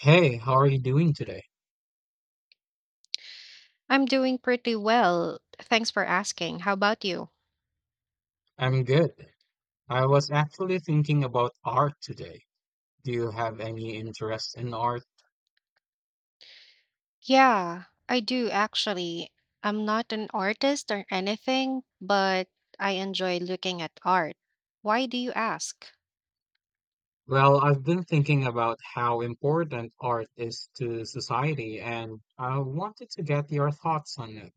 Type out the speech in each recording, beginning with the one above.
Hey, how are you doing today? I'm doing pretty well. Thanks for asking. How about you? I'm good. I was actually thinking about art today. Do you have any interest in art? Yeah, I do actually. I'm not an artist or anything, but I enjoy looking at art. Why do you ask? Well, I've been thinking about how important art is to society, and I wanted to get your thoughts on it.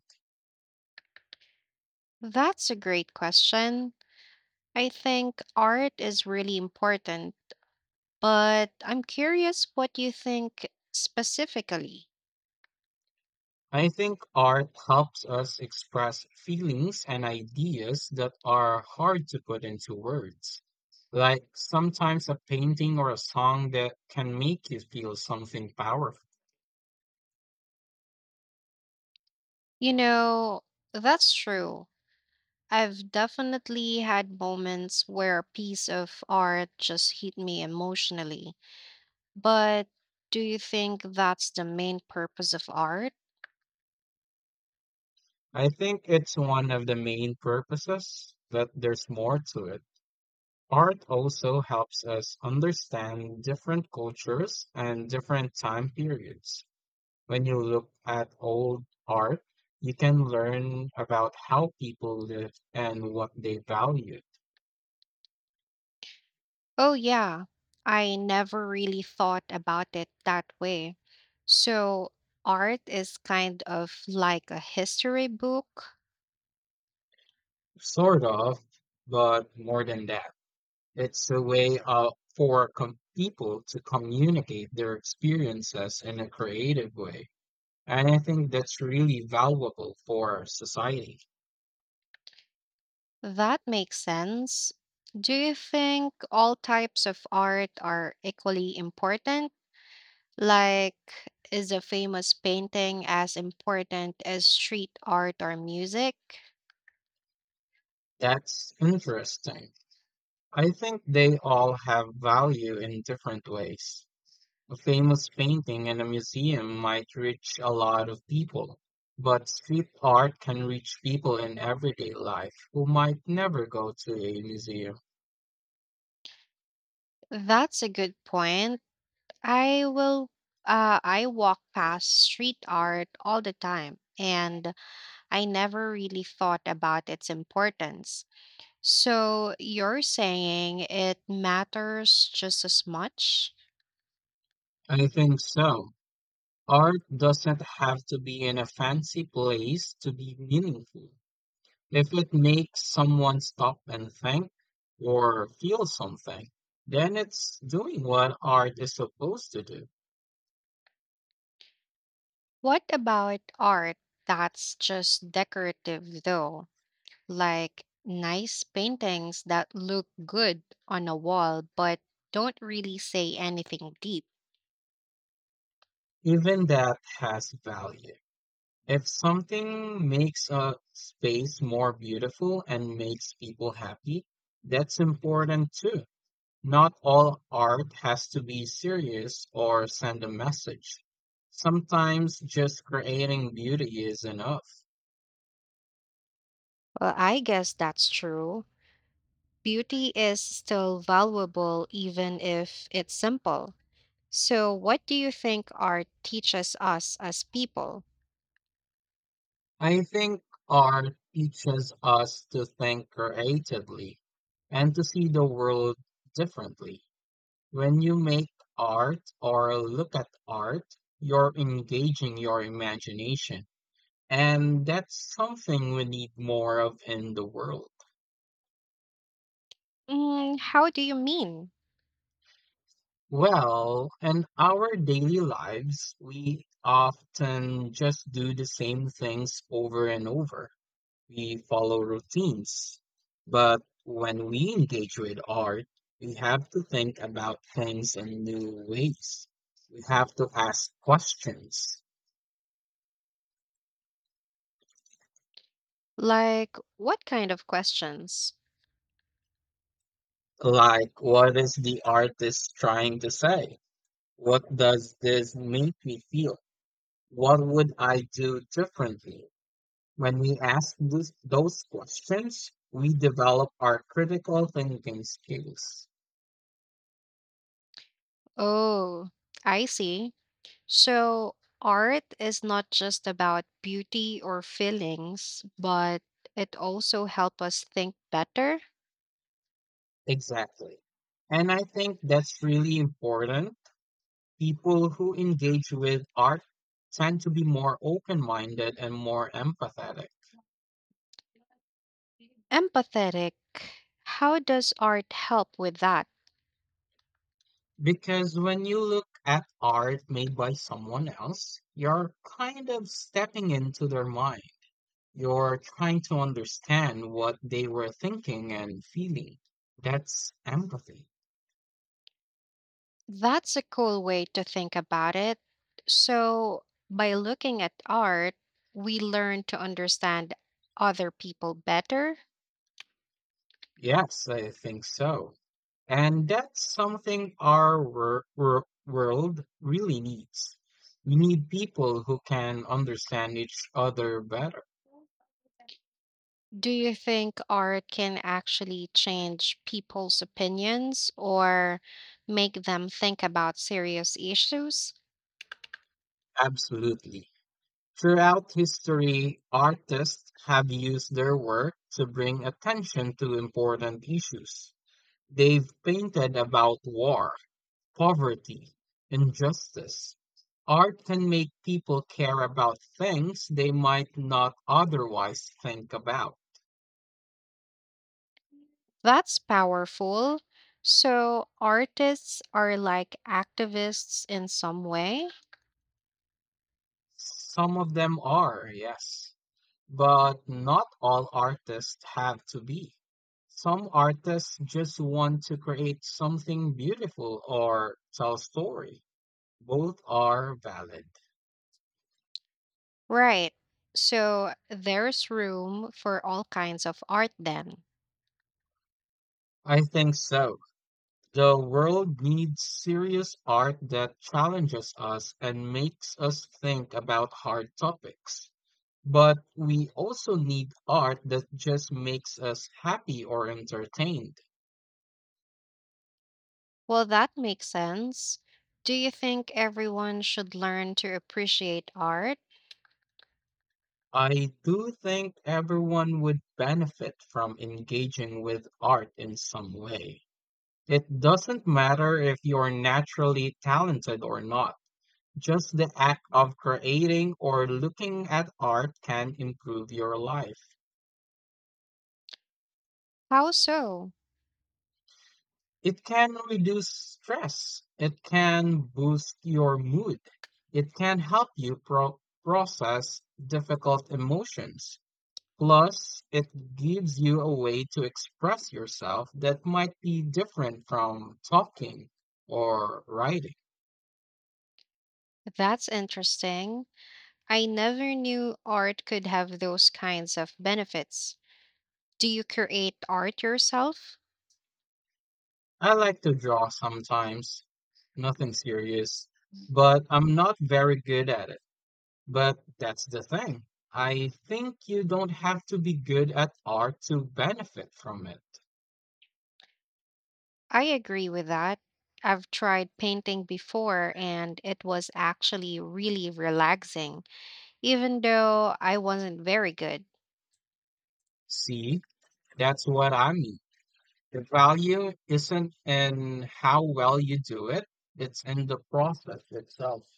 That's a great question. I think art is really important, but I'm curious what you think specifically. I think art helps us express feelings and ideas that are hard to put into words. Like sometimes a painting or a song that can make you feel something powerful. You know, that's true. I've definitely had moments where a piece of art just hit me emotionally. But do you think that's the main purpose of art? I think it's one of the main purposes, but there's more to it. Art also helps us understand different cultures and different time periods. When you look at old art, you can learn about how people lived and what they valued. Oh, yeah. I never really thought about it that way. So, art is kind of like a history book. Sort of, but more than that. It's a way for people to communicate their experiences in a creative way. And I think that's really valuable for society. That makes sense. Do you think all types of art are equally important? Like, is a famous painting as important as street art or music? That's interesting. I think they all have value in different ways. A famous painting in a museum might reach a lot of people, but street art can reach people in everyday life who might never go to a museum. That's a good point. I will I walk past street art all the time, and I never really thought about its importance. So you're saying it matters just as much? I think so. Art doesn't have to be in a fancy place to be meaningful. If it makes someone stop and think or feel something, then it's doing what art is supposed to do. What about art that's just decorative though? Like nice paintings that look good on a wall but don't really say anything deep. Even that has value. If something makes a space more beautiful and makes people happy, that's important too. Not all art has to be serious or send a message. Sometimes just creating beauty is enough. Well, I guess that's true. Beauty is still valuable even if it's simple. So, what do you think art teaches us as people? I think art teaches us to think creatively and to see the world differently. When you make art or look at art, you're engaging your imagination. And that's something we need more of in the world. Mm, how do you mean? Well, in our daily lives, we often just do the same things over and over. We follow routines. But when we engage with art, we have to think about things in new ways. We have to ask questions Like, what kind of questions? like, what is the artist trying to say? What does this make me feel? What would I do differently? When we ask those questions, we develop our critical thinking skills. Oh, I see. So, art is not just about beauty or feelings, but it also helps us think better. Exactly. And I think that's really important. People who engage with art tend to be more open-minded and more empathetic. Empathetic. How does art help with that? Because when you look at art made by someone else, you're kind of stepping into their mind. You're trying to understand what they were thinking and feeling. That's empathy. That's a cool way to think about it. So, by looking at art, we learn to understand other people better. Yes, I think so. And that's something our world really needs. We need people who can understand each other better. Do you think art can actually change people's opinions or make them think about serious issues? Absolutely. Throughout history, artists have used their work to bring attention to important issues. They've painted about war, poverty, injustice. Art can make people care about things they might not otherwise think about. That's powerful. So, artists are like activists in some way? Some of them are, yes. But not all artists have to be. Some artists just want to create something beautiful or tell a story. Both are valid. Right. So, there's room for all kinds of art then. I think so. The world needs serious art that challenges us and makes us think about hard topics. But we also need art that just makes us happy or entertained. Well, that makes sense. Do you think everyone should learn to appreciate art? I do think everyone would benefit from engaging with art in some way. It doesn't matter if you're naturally talented or not. Just the act of creating or looking at art can improve your life. How so? It can reduce stress. It can boost your mood. It can help you process difficult emotions. Plus, it gives you a way to express yourself that might be different from talking or writing. That's interesting. I never knew art could have those kinds of benefits. Do you create art yourself? I like to draw sometimes, nothing serious, but I'm not very good at it. But that's the thing. I think you don't have to be good at art to benefit from it. I agree with that. I've tried painting before and it was actually really relaxing, even though I wasn't very good. See, that's what I mean. The value isn't in how well you do it, it's in the process itself.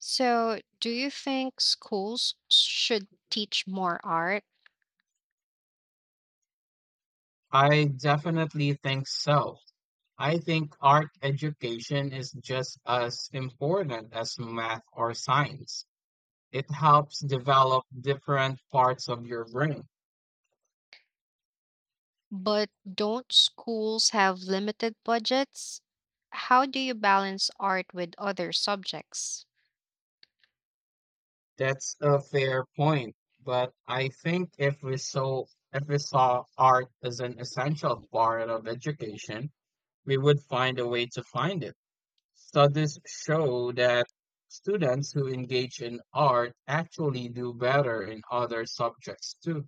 So, do you think schools should teach more art? I definitely think so. I think art education is just as important as math or science. It helps develop different parts of your brain. But don't schools have limited budgets? How do you balance art with other subjects? That's a fair point, but I think if we saw art as an essential part of education, we would find a way to find it. Studies show that students who engage in art actually do better in other subjects too.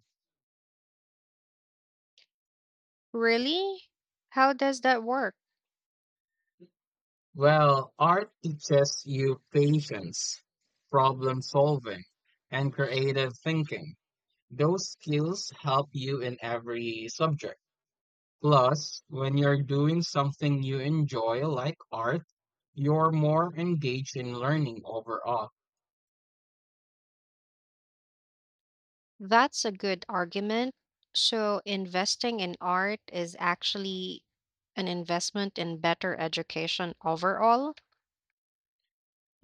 Really? How does that work? Well, art teaches you patience, problem solving, and creative thinking. Those skills help you in every subject. Plus, when you're doing something you enjoy, like art, you're more engaged in learning overall. That's a good argument. So, investing in art is actually an investment in better education overall?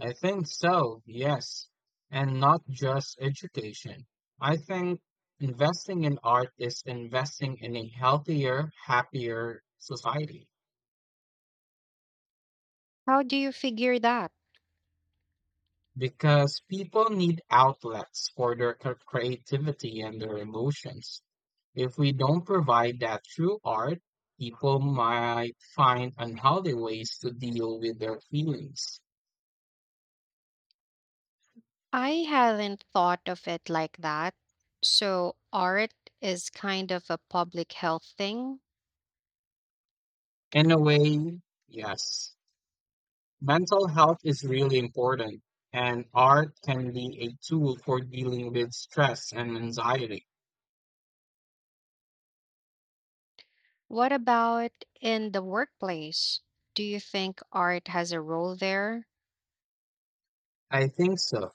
I think so, yes. And not just education. I think investing in art is investing in a healthier, happier society How do you figure that? because people need outlets for their creativity and their emotions. If we don't provide that through art, people might find unhealthy ways to deal with their feelings. I hadn't thought of it like that. So, art is kind of a public health thing. In a way, yes. Mental health is really important, and art can be a tool for dealing with stress and anxiety. What about in the workplace? Do you think art has a role there? I think so.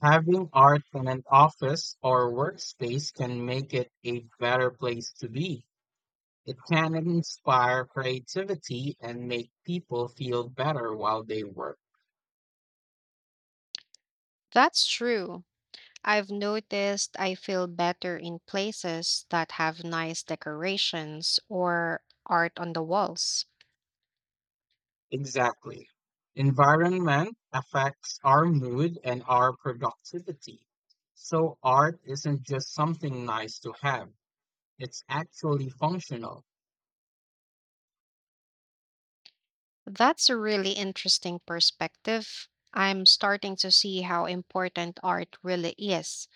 Having art in an office or workspace can make it a better place to be. It can inspire creativity and make people feel better while they work. That's true. I've noticed I feel better in places that have nice decorations or art on the walls. Exactly. Environment affects our mood and our productivity. So art isn't just something nice to have. It's actually functional. That's a really interesting perspective. I'm starting to see how important art really is.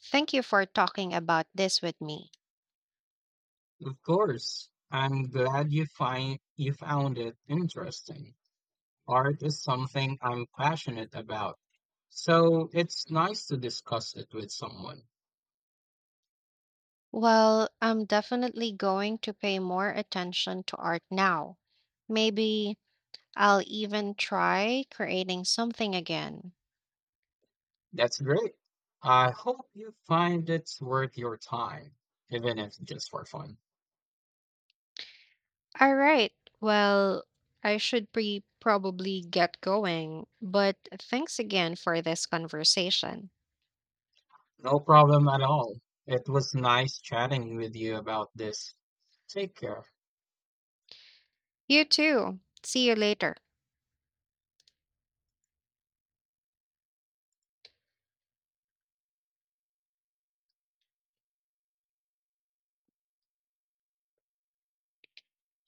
Thank you for talking about this with me. Of course. I'm glad you find you found it interesting. Art is something I'm passionate about. So it's nice to discuss it with someone. Well, I'm definitely going to pay more attention to art now. Maybe I'll even try creating something again. That's great. I hope you find it's worth your time, even if just for fun. All right. Well, I should be probably get going, but thanks again for this conversation. No problem at all. It was nice chatting with you about this. Take care. You too. See you later.